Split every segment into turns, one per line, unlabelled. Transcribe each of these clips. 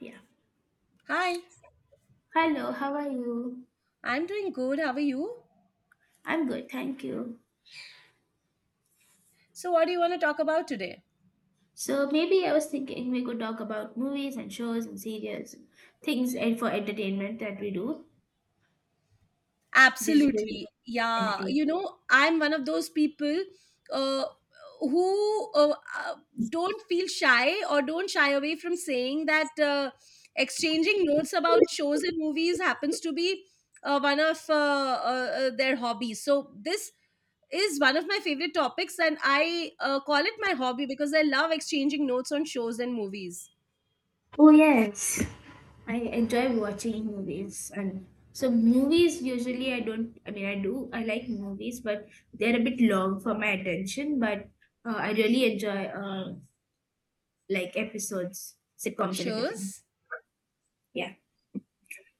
Yeah.
Hi,
Hello, how are you?
I'm doing good. How are you?
I'm good, thank you.
So, what do you want to talk about today?
So maybe I was thinking we could talk about movies and shows and series, things and for entertainment that we do, digital
Absolutely. Yeah.
entertainment.
You know, I'm one of those people uh, who don't feel shy or don't shy away from saying that exchanging notes about shows and movies happens to be one of their hobbies. So, this is one of my favorite topics, and I call it my hobby because I love exchanging notes on shows and movies.
I enjoy watching movies and so movies usually I don't, I mean I do, I like movies but they're a bit long for my attention but I really enjoy like episodes, sitcoms and everything.
Shows?
Yeah.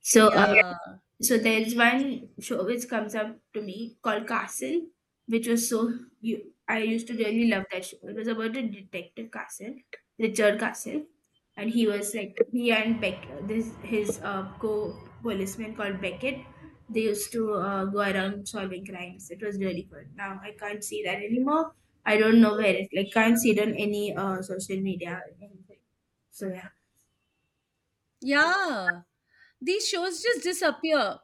So uh,
Yeah.
So there's one show which comes up to me called Castle, which was so you I used to really love that show. It was about a detective Castle, Richard Castle, and he was like he and Beck this his co policeman called Beckett. They used to go around solving crimes. It was really fun. Now I can't see that anymore. I don't know where it like can't see it on any social media or anything. So yeah.
Yeah, these shows just disappear.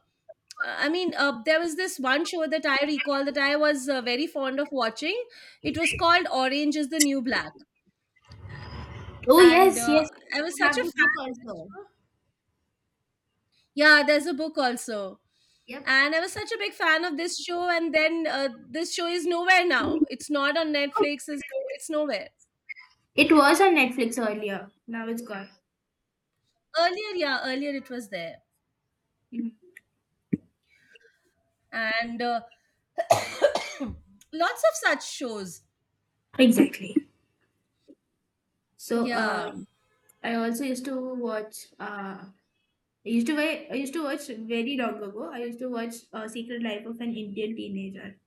I mean, there was this one show that I recall that I was very fond of watching. It was called Orange is the New Black.
Oh
And
yes, yes.
I was
I
such
have
a
the book
fan of this
also.
show. Yeah, there's a book also.
Yep.
And I was such a big fan of this show. And then this show is nowhere now. It's not on
Oh.
Netflix, it's, no, it's nowhere.
It was on Netflix earlier. Now it's gone.
Earlier, yeah, earlier it was there.
Mm.
And lots of such shows.
Exactly. So uh,
Yeah.
I also used to watch. I used to watch very long ago. I used to watch Secret Life of an Indian Teenager,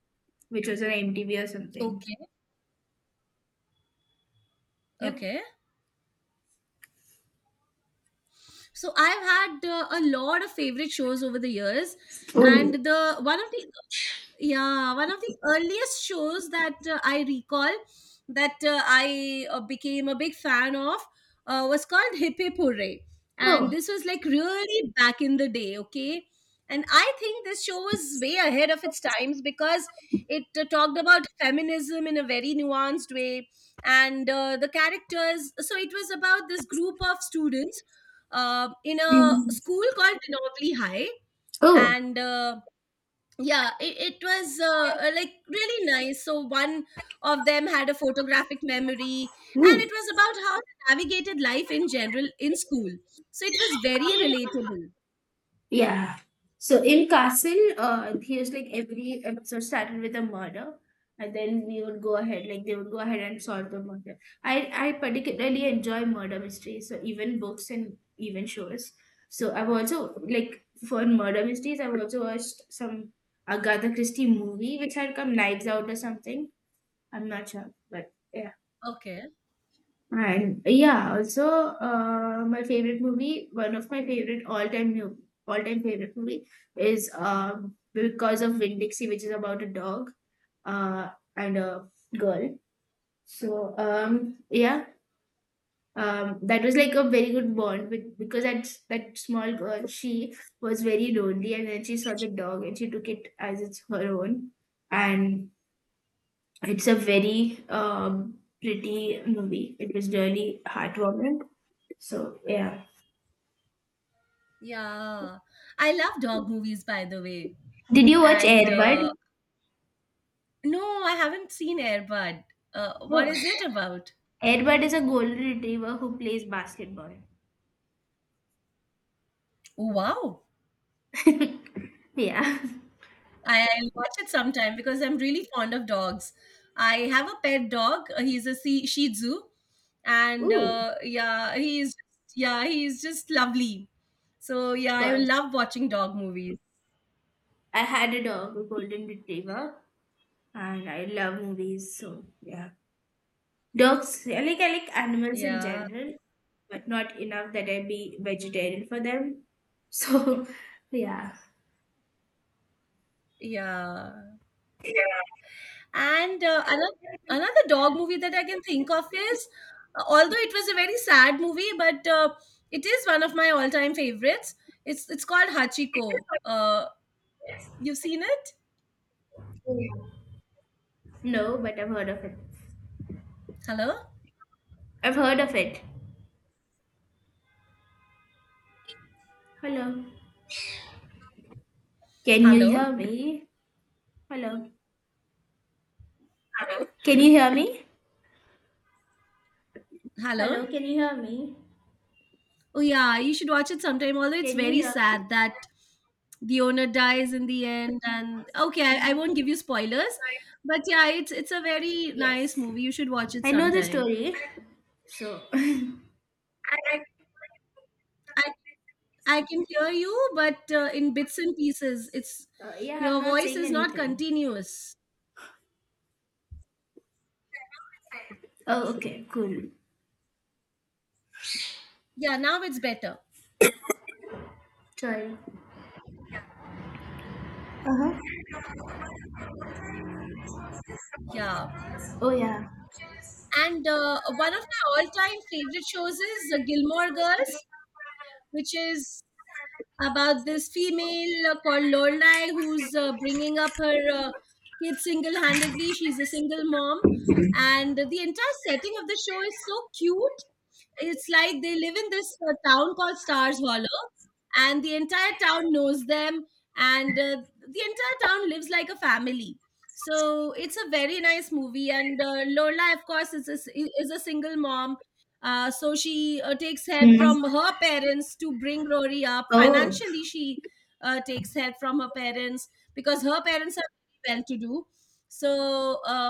which was on MTV or something.
Okay.
Yep.
Okay. So I've had a lot of favorite shows over the years, and
Oh.
the one of the yeah, one of the earliest shows that I recall that I became a big fan of was called Hip Hip Hooray. And
Oh.
this was like really back in the day, okay? And I think this show was way ahead of its times because it talked about feminism in a very nuanced way. And the characters, so it was about this group of students in a
Mm.
school called Tenobly High.
Oh.
And yeah, it was like really nice. So one of them had a photographic memory, and
Ooh.
it was about how they navigated life in general in school, so it was very relatable.
Yeah. So in Castle, here's like every episode started with a murder, and then we would go ahead, like they would go ahead and solve the murder. I particularly enjoy murder mysteries, so even books and even shows. So I've also like for murder mysteries, I've also watched some Agatha Christie movie which had come Knives Out or something. I'm not sure, but yeah.
Okay.
And yeah, also my favorite movie, one of my favorite all-time favorite movie is because of Win Dixie, which is about a dog uh, and a girl. So, yeah, that was like a very good bond with, because that small girl she was very lonely and then she saw the dog and she took it as it's her own, and it's a very pretty movie. It was really heartwarming. So yeah.
Yeah, I love dog movies, by the way.
Did you watch
And
Airbud?
no, I haven't seen Airbud. What
Oh.
is it about?
Airbud is a golden retriever who plays basketball.
Oh wow.
Yeah.
I'll watch it sometime because I'm really fond of dogs. I have a pet dog. He's a Shih Tzu, and
Ooh.
yeah, he's just lovely. So yeah,
Of
I
course.
love watching dog movies.
I had a dog, a golden retriever, and I love movies. So yeah, dogs. I like animals in
Yeah,
general, but not enough that I be vegetarian for them. So yeah,
yeah. And another dog movie that I can think of is, although it was a very sad movie, but it is one of my all time favorites. It's called Hachiko. You've seen it?
no, but I've heard of it.
Hello,
I've heard of it. Hello, can you
hello,
hear me? Hello. Hello. Can you hear me?
hello.
Hello, can you hear me?
Oh yeah, you should watch it sometime. Although it's
Can you
very
hear me?
sad that the owner dies in the end, and okay, I won't give you spoilers, but yeah, it's a very nice
Yes.
movie. You should watch it
I know the
sometime.
story. So,
I I can hear you, but in bits and pieces. It's
yeah, I'm
Your
not
voice
saying
is not
anything.
continuous.
Oh, okay, cool.
Yeah, now it's better.
Sorry. Uh-huh.
Yeah,
Oh, yeah.
and one of my all-time favorite shows is Gilmore Girls, which is about this female called Lorelai, who's bringing up her kids single-handedly. She's a single mom, and the entire setting of the show is so cute. It's like they live in this town called Stars Hollow, and the entire town knows them, and the entire town lives like a family. So it's a very nice movie, and Lola, of course, is a single mom, so she takes help
Hmm.
from her parents to bring Rory up.
Oh.
Financially, she takes help from her parents because her parents are well to do. So,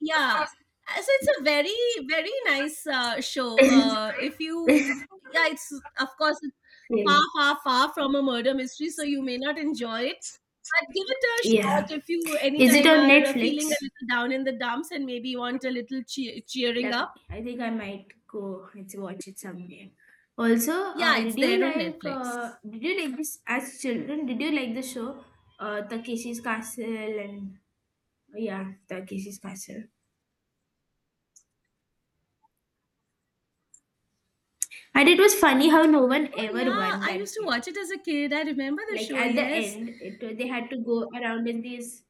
yeah. So it's a very, very nice show. If you, yeah, of course, it's far, far, far from a murder mystery, so you may not enjoy it. But give it a
Yeah.
shot if you
Is it
anytime
on
are feeling a
Netflix?
little down in the dumps and maybe want a little cheering
Lovely.
up.
I think I might go and watch it someday. Also,
Yeah, it's there on Netflix.
did you like this as children? Did you like the show Takeshi's Castle and yeah, Takeshi's Castle? And it was funny how no one
Oh
ever
yeah,
won
I used
that
to
game.
watch it as a kid. I remember the
Like
show,
at the
yes.
end, they had to go around in these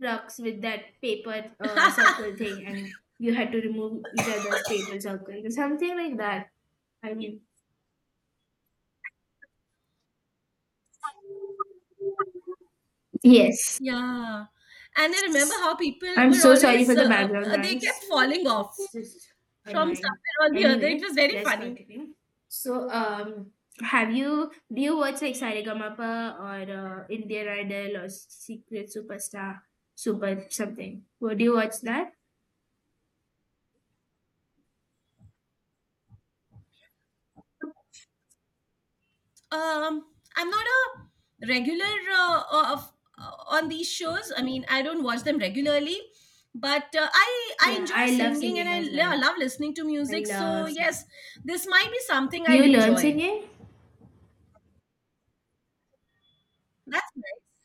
trucks with that paper circle thing, and you had to remove each other's paper circles or something like that. I mean, yes.
Yeah. And I remember how people
I'm
were
so sorry for
always
the background
they kept
noise.
falling off
It's just
from
annoying.
somewhere or the other. It
Anyway,
was very
let's
funny.
continue. So, have you do you watch like Saregama or Indian Idol or Secret Superstar, Super something? Would you watch that?
Um, I'm not a regular of on these shows. I mean, I don't watch them regularly, but I
Yeah,
enjoy
I love
singing, and
singing
I
as well.
love listening to
I
music. So
love. Singing.
yes, this might be something
Do
I'd
you learn
enjoy.
singing?
That's nice.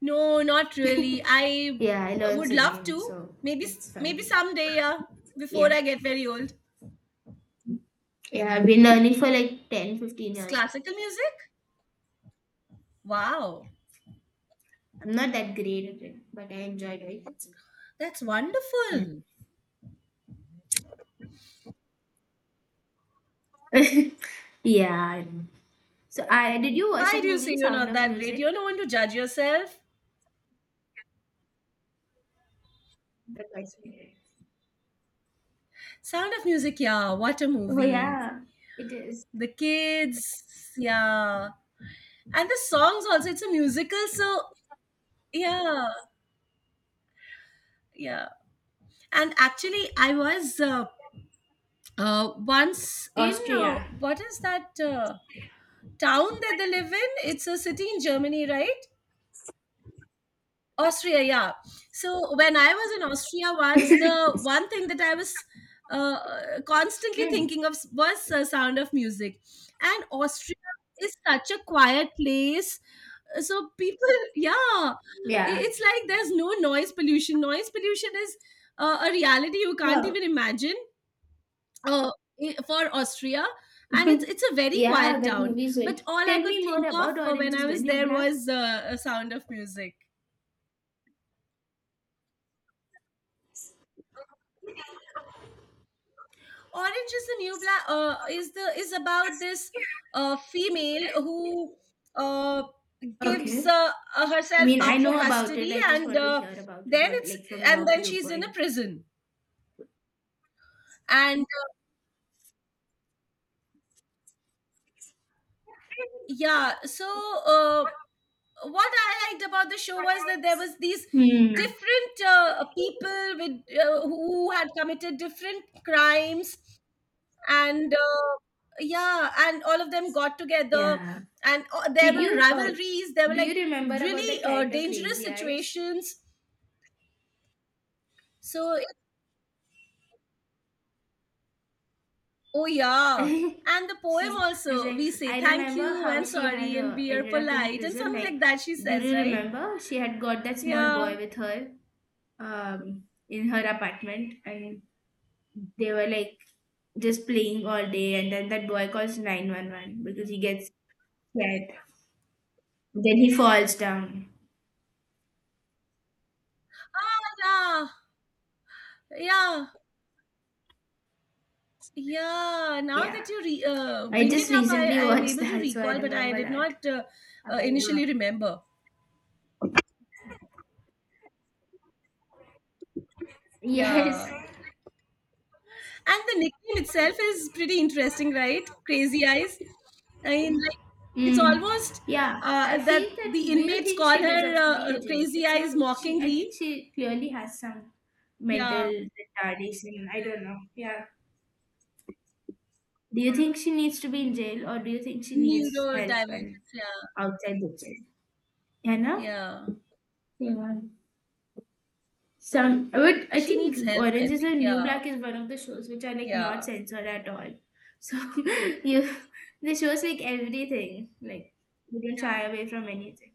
No, not really. I
Yeah, I learn
would love
singing,
to.
so
Maybe
that's
maybe
fun.
someday, yeah, before
Yeah,
I get very old.
yeah, I've been learning for like 15
It's
years now.
classical music? Wow.
I'm not that great at it, but I enjoy doing it.
That's
Yeah.
wonderful.
Yeah. I know. So I did you watch
Why
that
do you say
movie
you're
Sound
not
of
that great? You're
Music?
no one to judge yourself.
That's actually-
Sound of Music, yeah, what a
Oh
movie.
yeah, it is.
The kids, yeah. And the songs also, it's a musical, so yeah, yeah. And actually, I was once in,
Austria.
what is that? Town that they live in. It's a city in Germany, right? Austria, yeah. So when I was in Austria once, the one thing that I was constantly
Hmm.
thinking of was Sound of Music. And Austria is such a quiet place. So people, yeah,
Yeah.
it's like there's no noise pollution. Noise pollution is a reality you can't
Wow.
even imagine uh, for Austria, and it's it's a very
Yeah,
quiet
that
town.
movie is good.
But all I
Tell
could
me more
think of
about
for when
Orange
I
is the
was
New
there
Black.
was a Sound of Music. Orange is the new black. Is about this female who uh, gives
Okay. I
herself
mean, I
up for
know about
custody,
it. I just
and
want to hear about it.
then
What,
it's
like, from
and
your
then she's in a
viewpoint?
prison. And yeah, so uh, what I liked about the show was that there was these
Hmm.
different people with who had committed different crimes. And yeah, and all of them got together,
Yeah.
and there
Did
were
you
rivalries. There were
do you
like
remember about that
really
character
dangerous
Crazy Eyes?
situations. so it, oh yeah,
she's
and the poem
she's
also,
like,
we say
I
thank
remember
you
how
and
she had
sorry and we are
ended up in
polite and
prison,
something
like
like that, she
do
says,
you
right?
remember she had got that small
Yeah.
boy with her, um in her apartment, and they were like just playing all day, and then that boy calls 911 because he gets scared, then he falls down.
Yeah. Yeah, yeah. Now
Yeah,
that you
I
bring it
just
up, I,
recently
I am
watched
able to
that, so I
recall, but I
remember
did
that.
not initially remember.
Yes.
Yeah. And the nickname itself is pretty interesting, right? Crazy Eyes. I mean, like, it's
Mm.
almost
Yeah, I
that
feel that.
the
Do you
inmates
think
call
she
her
deserves to be in jail?
Crazy
It's
Eyes
not she. I
mockingly.
think she clearly has some
Yeah.
mental retardation. I don't know. Yeah. Do you think she needs to be in jail, or do you think she needs help and
Neurodivergence. Yeah.
outside the jail? Yeah, no.
Yeah.
Yeah. Some. But I
She needs
think
help, I
Orange is the
think.
New
Yeah.
Black is one of the shows which are like not
Yeah.
censored at all. So you, the show's like everything. Like you don't shy away from anything.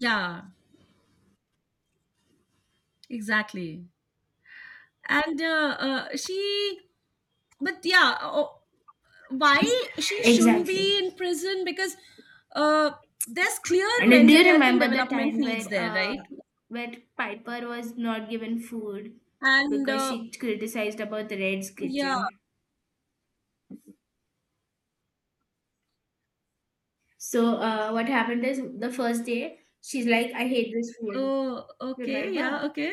Yeah. Exactly. And she, but yeah, oh, why she shouldn't
Exactly.
be in prison, because uh, there's clear
And do
mental
you
health and
remember the
development
time
needs
where
there,
uh,
right?
where Piper was not given food
And
because she criticized about the Red's
yeah.
kitchen? So what happened is the first day she's like, "I hate this food."
Oh, okay. Yeah,
Remember?
okay.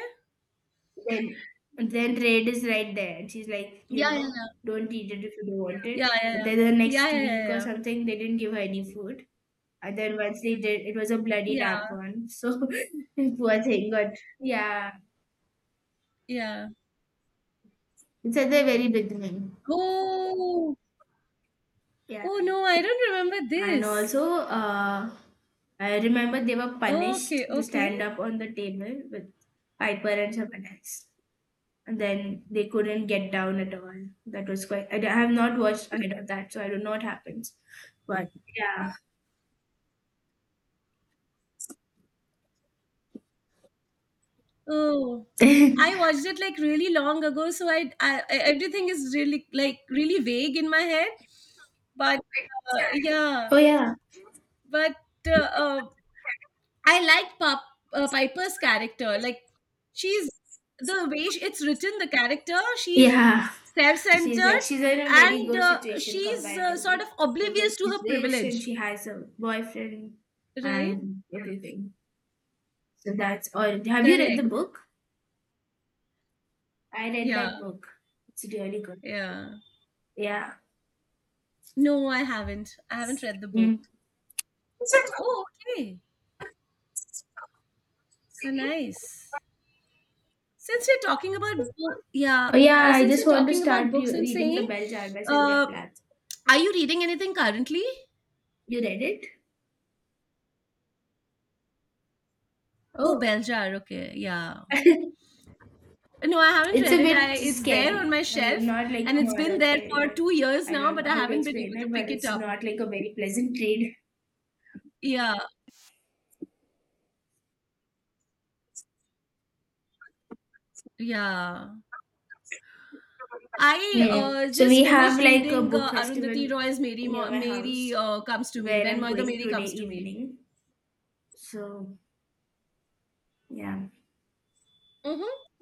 Then then Red is right there, and she's like, "You know,
Yeah,
don't eat it if you don't want
yeah,
it."
yeah,
And then the
yeah,
next
yeah, yeah,
week or
yeah,
something, they didn't give her any food. And then once they did, it was a
yeah,
bloody
yeah, yeah,
tampon. So poor thing got, yeah.
yeah.
It's at the very beginning.
Oh.
Yeah.
Oh, no, I don't remember
And also,
this.
I remember they were
Okay,
punished to
okay.
stand up on the table with Piper and someone else. And then they couldn't get down at all. That was quite. I have not watched ahead of that, so I don't know what happens. But yeah.
Oh, I watched it like really long ago, so everything is really like really vague in my head. But yeah,
Oh, yeah.
but uh, uh, I liked Piper's character. Like she's the way she, it's written, the character, she's
Yeah. She's like,
self-centered,
she's in a very
and
good situation
she's sort of
comparatively
oblivious
because
to
she's
her
rich and
privilege.
she has a boyfriend
Right?
and everything. So that's all. Have you read the
Correct.
book? I read
Yeah,
that book. It's really good.
yeah.
Yeah.
No, I haven't. I haven't read the
Mm.
book. Oh, okay. Oh, nice. Since we're talking about bo- yeah,
Oh, yeah, I
since we're
just want to
talking about
start
books, I'm
reading The
saying,
Bell Jar by Sylvia
uh,
Plath.
are you reading anything currently?
You read it?
Oh,
Oh.
Beljar. Okay, yeah. No, I haven't
It's
read
a
it. I
bit
It's there on
scary.
my
I mean,
shelf,
not like
and it's been
horror
there
scary,
for
but
2 years
I
now,
don't
but
know
I
how to
haven't been able
explain
to
it,
pick
but
it
it's
up.
not like a very pleasant read.
Yeah, yeah. I
Hmm. So
just
we have
finished
like a
reading
book
Arundhati
festival
Roy's Mary,
near
Mo-
my
Mary
house
Comes to Me,
where
When
I'm
Mother
going
Mary
today
Comes to Me.
evening. So, yeah.
Mm-hmm.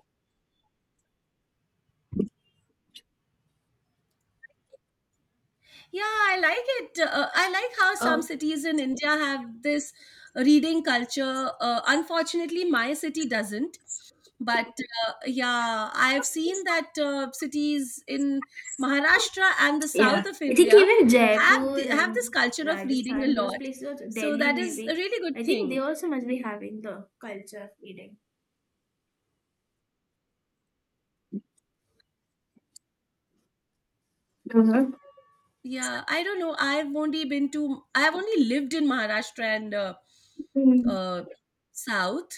Yeah, I like it. I like how some cities in India have this reading culture. Unfortunately, my city doesn't. But yeah, I've seen that cities in Maharashtra and the
Yeah,
south of
I think
India
even Jaipur
have this
and
culture of reading a
Rajasthan, those
lot.
places, also,
So
Delhi
that is a
maybe,
really good
I think they
thing.
also must be having the culture of eating.
Yeah, I don't know. I've only been to. I've only lived in Maharashtra and
Mm.
uh, south.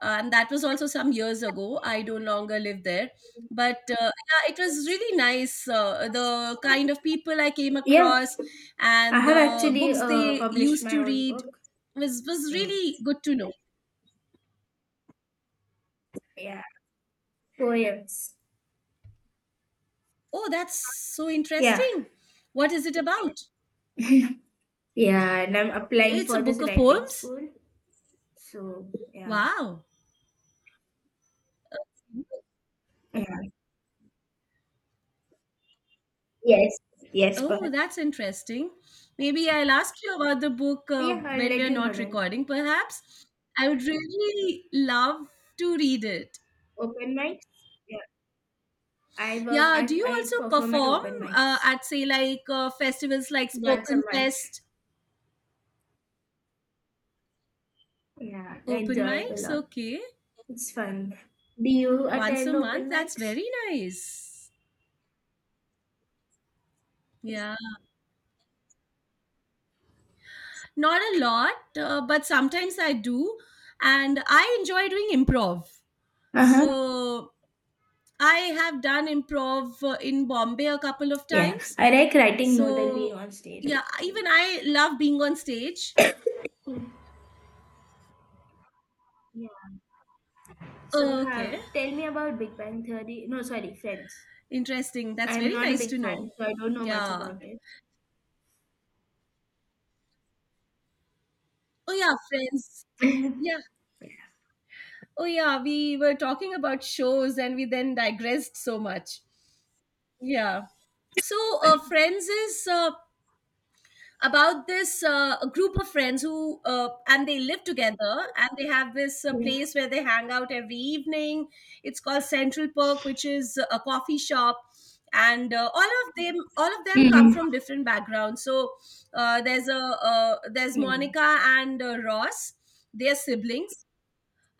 And that was also some years ago. I no longer live there. But yeah, it was really nice. The kind of people I came
Yeah,
across
I
and
have
the
actually
books they
published
used
my
to
own
read
book.
was
So,
really good to know.
yeah, poems.
Oh, that's so
Yeah,
interesting. What is it about?
yeah, and I'm applying
It's a
for this
book of
writing
poems.
school. So, yeah,
Wow.
yeah, yes, yes, but
Oh, that's interesting. Maybe I'll ask you about the book
yeah, I'll
when we
let
are
you know
not
then.
recording, perhaps. I would really love to read it.
Open mics. Yeah, I work.
Yeah,
I
do you
I
also
perform at
perform
open mics
at, say, like festivals like
once a
Spoken
month.
Fest,
Yeah, I
open
enjoy it a
mics?
lot.
Okay,
It's fun. Do you
once a
attend open
month. That's
mics?
very nice. Yeah, not a lot, but sometimes I do, and I enjoy doing improv.
Uh-huh.
So I have done improv in Bombay a couple of
Yeah,
times.
I like writing more than being
So
on stage
yeah, even
actually.
I love being on stage.
Yeah. So have
Okay,
tell me about Big Bang Theory. No, sorry, Friends.
interesting. That's
I'm
very
not a
nice
big
to
fan,
know.
so I don't know much
Yeah.
about it.
Oh yeah, Friends. Yeah. Oh yeah, we were talking about shows, and we then digressed so much. Yeah. So Friends is about this a group of friends who and they live together and they have this place where they hang out every evening. It's called Central Perk, which is a coffee shop. And all of them
Yeah.
come
Mm.
from different backgrounds. So there's a there's
Yeah. And
Monica and Ross. They're siblings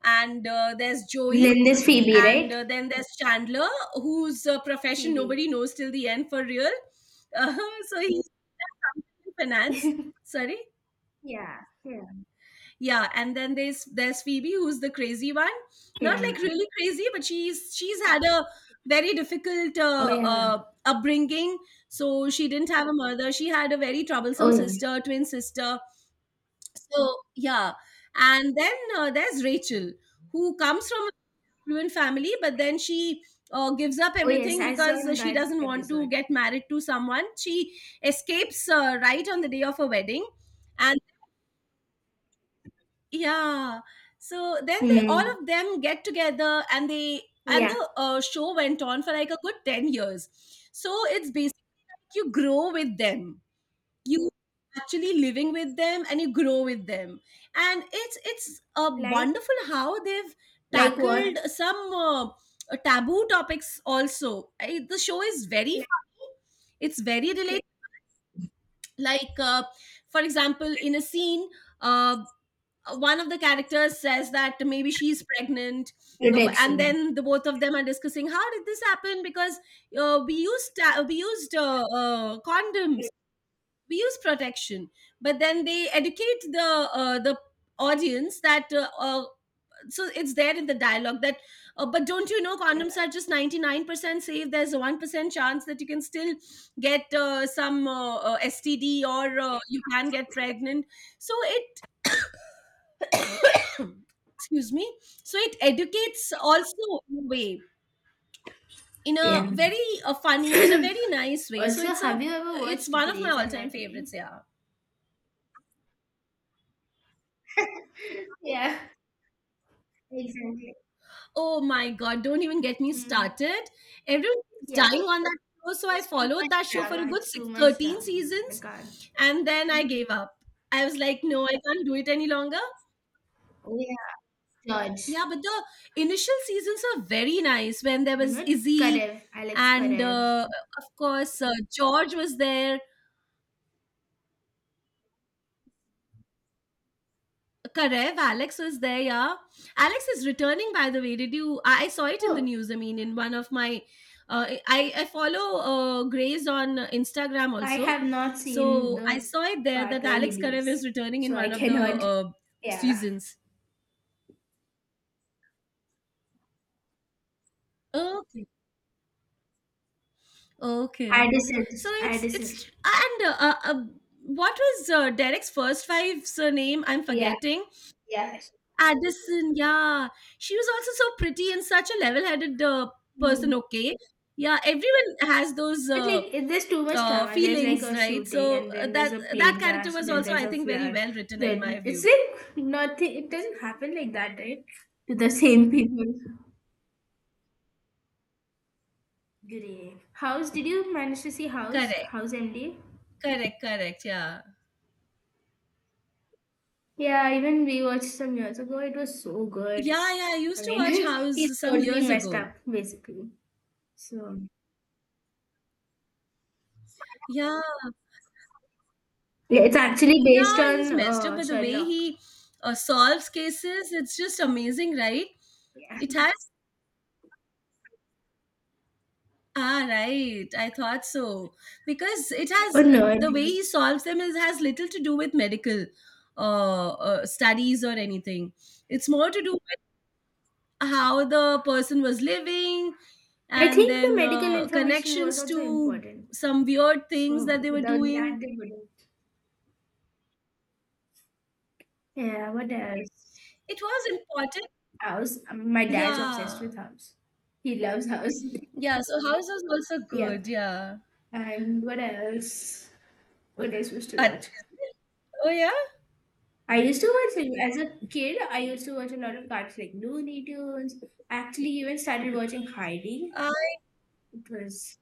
and there's Joey,
then there's Phoebe,
and
right?
then there's Chandler, whose profession
Phoebe.
nobody knows till the end for real. Uh, so he's in finance. Sorry,
Yeah. Yeah.
yeah, and then there's Phoebe, who's the crazy one, not like
Yeah.
really crazy, but she's had a very difficult
Oh yeah.
upbringing. So she didn't have a mother. She had a very troublesome
Oh yeah.
sister, twin sister. So yeah, and then there's Rachel, who comes from a fluent family, but then she gives up
Oh yes,
everything
I saw
because she
that
doesn't want to
episode.
get married to someone she escapes right on the day of her wedding. And yeah, so then they all
Hmm.
of them get together, and they and
Yeah.
the show went on for like a good 10 years. So it's basically like you grow with them, you actually living with them and you grow with them. And it's
Like
wonderful how they've
like
tackled
what?
some taboo topics also. I, the show is very funny, it's very related, like uh, for example, in a scene, uh, one of the characters says that maybe she's pregnant. And
Protection.
then the both of them are discussing how did this happen, because we used condoms, we use protection. But then they educate the audience that so it's there in the dialogue that but don't you know
Yeah.
condoms are just 99% safe, there's a 1% chance that you can still get some std, or you can get pregnant. So it excuse me, so it educates also in a way, in a
Yeah.
very funny and a very nice way. So
Also,
it's
have
a
you ever
it's
watched
one of my
Grey's
all-time favorites,
Anatomy?
yeah.
Yeah, exactly.
Oh my God, don't even get me
Mm.
started. Everyone keeps
Yeah,
dying on that show, so I
it's too
followed
much
that show for a
drama.
good
It's
six,
too much
13
drama. I can't.
seasons, and then I gave up. I was like, no, I can't do it any longer.
Oh, yeah. George.
Yeah, but the initial seasons are very nice when there
You
was
know,
Izzy,
Karev, Alex
and
Karev.
of course George was there. Karev, Alex was there, yeah. Alex is returning, by the way. Did you? I saw it in the
Oh,
news. I mean, in one of my, I follow Grace on Instagram
I
also,
have not seen
so I
the
saw it there
part
that
where he
Alex Karev
leaves.
is returning in
So I
one of the
cannot.
uh,
Yeah.
seasons. Okay, okay.
Addison.
So it's
Addison.
it's and what was Derek's first five surname? I'm
Yeah,
forgetting.
yeah.
Addison, yeah. She was also so pretty and such a level headed person, okay? Yeah, everyone has those
But like there's too much drama. There's like
feelings,
a
right?
shooting
So
and then there's
that
a
that
plane
character
crash,
was
then
also,
there's
I
a
think, very
flood.
well written in my
Then it's
view.
like nothing, it doesn't happen like that, right? To the same people. Great. House, did you manage to see House?
Correct,
House MD?
correct, correct, yeah.
Yeah, even we watched some years ago. It was so good.
Yeah, yeah, I
I
used to watch
mean, he's
House some
totally
years
messed
ago.
up, basically. So
Yeah,
yeah, it's actually based
yeah, he's
on
messed up, but the way
Sherlock.
he solves cases, it's just amazing, right?
Yeah.
It has Ah, right. I thought so. Because it
Oh no,
has,
it
the way he
is.
solves them is, has little to do with medical studies or anything. It's more to do with how the person was living,
I
and
think the
then
medical information was
connections
also
to
important.
some weird things
So
that they were
without that,
doing.
they wouldn't. Yeah, what else?
It was important.
House. My dad's obsessed
Yeah.
with house. He loves house.
Yeah. So, house was also
Yep.
good. Yeah.
And what else? What else was to
At,
watch?
oh, yeah.
I used to watch like, as a kid. I used to watch a lot of cartoons like Looney Tunes. I actually even started watching Heidi.
I,
It was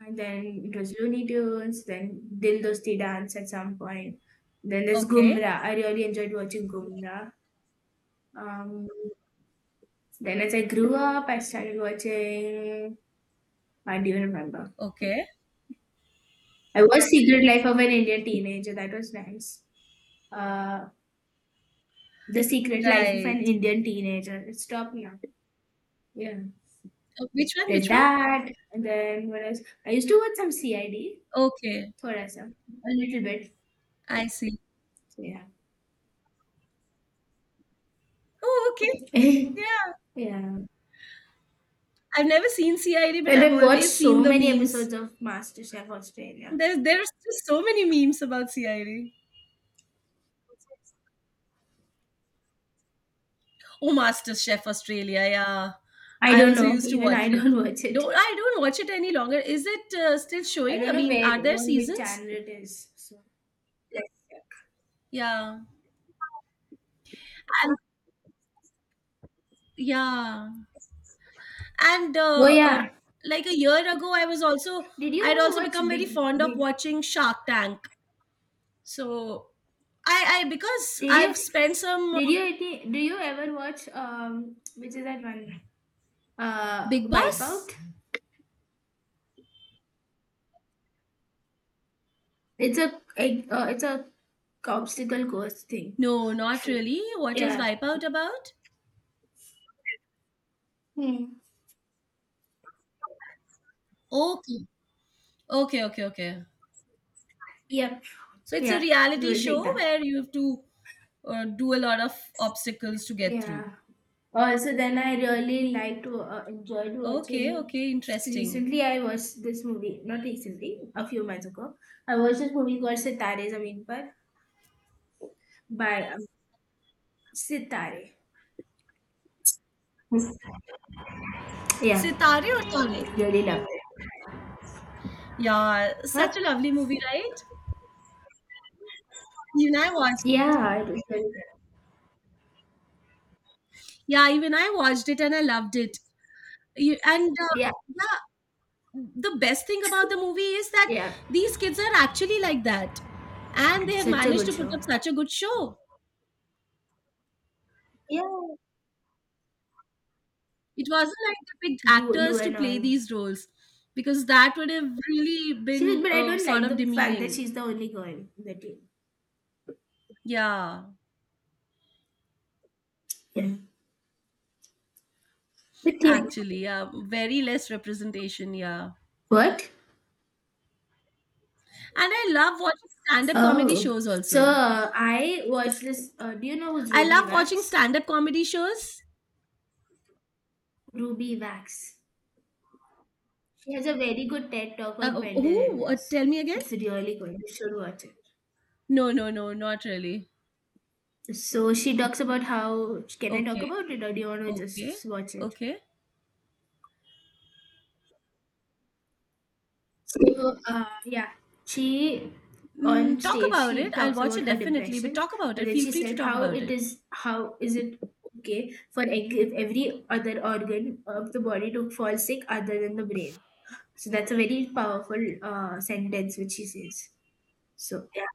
and then it was Looney Tunes. Then Dil Dosti Dance at some point. Then there's
okay.
Gumra. I really enjoyed watching Gumra. Um, Then as I grew up, I started watching. I don't even remember.
Okay.
I watched Secret Life of an Indian Teenager. That was nice. Uh, The Secret Life of an
Right.
Indian Teenager. It stopped now. Yeah.
Which one?
There's
Which one?
that. And then what else? I used to watch some CID.
Okay,
Thoda sa. A little bit.
I see.
Yeah.
Oh, okay.
Yeah.
Yeah. I've never seen CID, but
And
I've
I've watched
always
so
seen the
many
memes.
episodes of MasterChef Australia.
There's just so many memes about CID. Oh, Master Chef Australia, yeah.
I
I
don't
also
know.
used to
Even
watch
I
it.
don't watch it.
Don't I don't watch it any longer. Is it still
I
showing? I
don't know
mean,
where
are there
on which
seasons?
channel it is. So, yes.
Yeah. And yeah. And
Oh yeah,
like a year ago, I was also
did you
I'd
ever
also
watch
become very
Big?
fond of
Big.
watching Shark Tank. So I because
Did you?
I've spent some
Did you? Do you ever watch? Which is that one?
Big Boss?
Wipeout. It's a obstacle course thing.
No, not really. What is
Yeah.
Wipeout about?
Hmm.
Okay. Okay, okay, okay.
Yep.
So it's a
Yeah. It
reality
was
show
like that.
where you have to do a lot of obstacles to get through.
Yeah. Also, then I really liked to enjoyed
Okay,
watching.
okay, interesting.
Recently, I watched this movie. Not recently, a few months ago. I watched this movie called Sitare Zameen Par by Sitare. Yeah.
Sitare or Tare?
Really love it.
Yeah,
Huh?
such a lovely movie, right? Even I watched it.
Yeah, it was very good.
Yeah, even I watched it and I loved it. You, and
Yeah,
yeah, the best thing about the movie is that
yeah.
these kids are actually like that, and they have
Such a
managed
good
to put
show.
up such a good show.
Yeah.
It wasn't like they picked
Lou
actors to
and
play
all.
these roles, because that would have really
She was,
been
but I don't
sort
like
of
the fact that
demeaning.
she's the only girl in the team.
Yeah,
Yeah. Yeah. But yeah.
actually, yeah, very less representation, yeah.
What?
And I love watching stand-up comedy
Oh.
shows
So
also.
I watched this. Do you know who's
I
Ruby
love watching
Wax?
stand-up comedy shows.
Ruby Wax. She has a very good TED talk on mental
Who
illness.
tell me again.
It's really good. You should watch it.
No, no, no, not really.
So she talks about how. Can I talk
Okay,
about it, or do you want to
okay,
just watch it?
okay.
So, yeah, she, on
Mm, talk
stage,
about
she
it. I'll
talks
watch
about
it
her
definitely, but
depression,
talk about
and
it.
then
Feel
she
free to
said
talk about it.
how is it okay if every other organ of the body to fall sick other than the brain. So that's a very powerful sentence which she says. So yeah,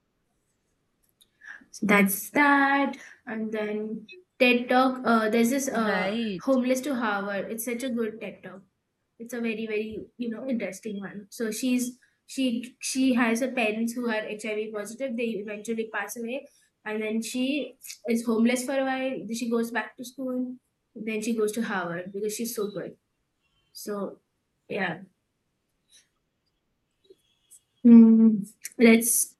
so that's that. And then TED Talk. There's this
Right.
homeless to Harvard. It's such a good TED Talk. It's a very, very interesting one. So she has her parents who are HIV positive. They eventually pass away, and then she is homeless for a while. Then she goes back to school. Then she goes to Harvard because she's so good. So yeah. Mm, that's.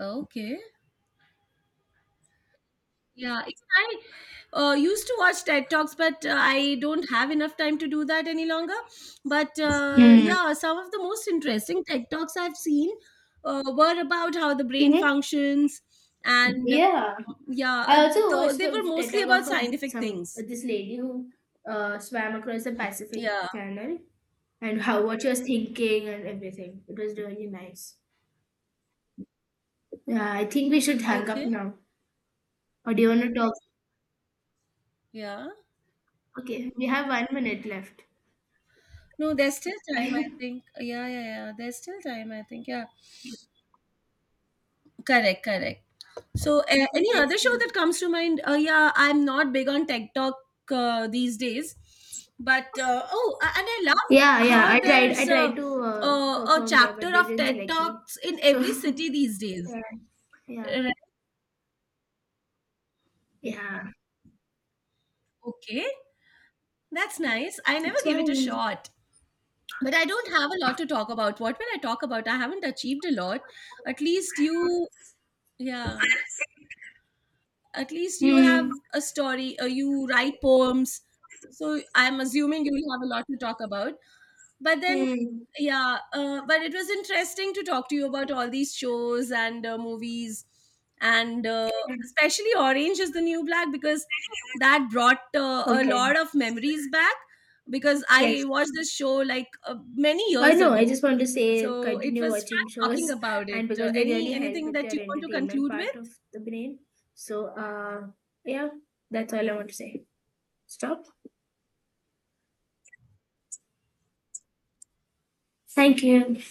Okay. Yeah, even I used to watch TED Talks, but I don't have enough time to do that any longer. But yeah, some of the most interesting TED Talks I've seen were about how the brain
Mm-hmm.
functions, and
Yeah, I also
though
watched
they
the
were
TED
mostly
Talk
about
of a,
scientific
some
things.
this lady who swam across the Pacific
Yeah.
channel and how what she was thinking and everything. It was really nice. Yeah, I think we should hang up
Okay.
now. Or do you want to talk?
Yeah.
Okay, we have 1 minute left.
No, there's still time, I
Let's
think. Yeah, yeah, yeah. There's still time, I think. Yeah. Correct, correct. So, any other show
see.
that comes to mind? Yeah, I'm not big on TikTok these days, but oh, and I love
Yeah, yeah.
how there's
I
a,
tried to
a, a
perform there,
chapter
but they
of
didn't
TED
select me.
Talks in
So
every city these days.
yeah, yeah,
Right.
yeah.
Okay, that's nice. I never
It's
gave it a
fine.
shot, but I don't have a lot to talk about. What will I talk about? I haven't achieved a lot. At least you, yeah, at least you have
Hmm.
a story or you write poems, so I'm assuming you will have a lot to talk about. But then,
Hmm.
yeah, but it was interesting to talk to you about all these shows and movies, and
Yeah.
especially Orange is the New Black, because that brought a
Okay.
lot of memories back, because I
Yes.
watched this show like many
I
years
know. I
ago.
just want to say
So it
continue
was fun
watching
talking
shows,
about it.
and because they
Any
really help
anything
with
that you
your
want to
entertainment
conclude
part
with?
of the brain. So yeah, that's all I want to say. Stop. Thank you.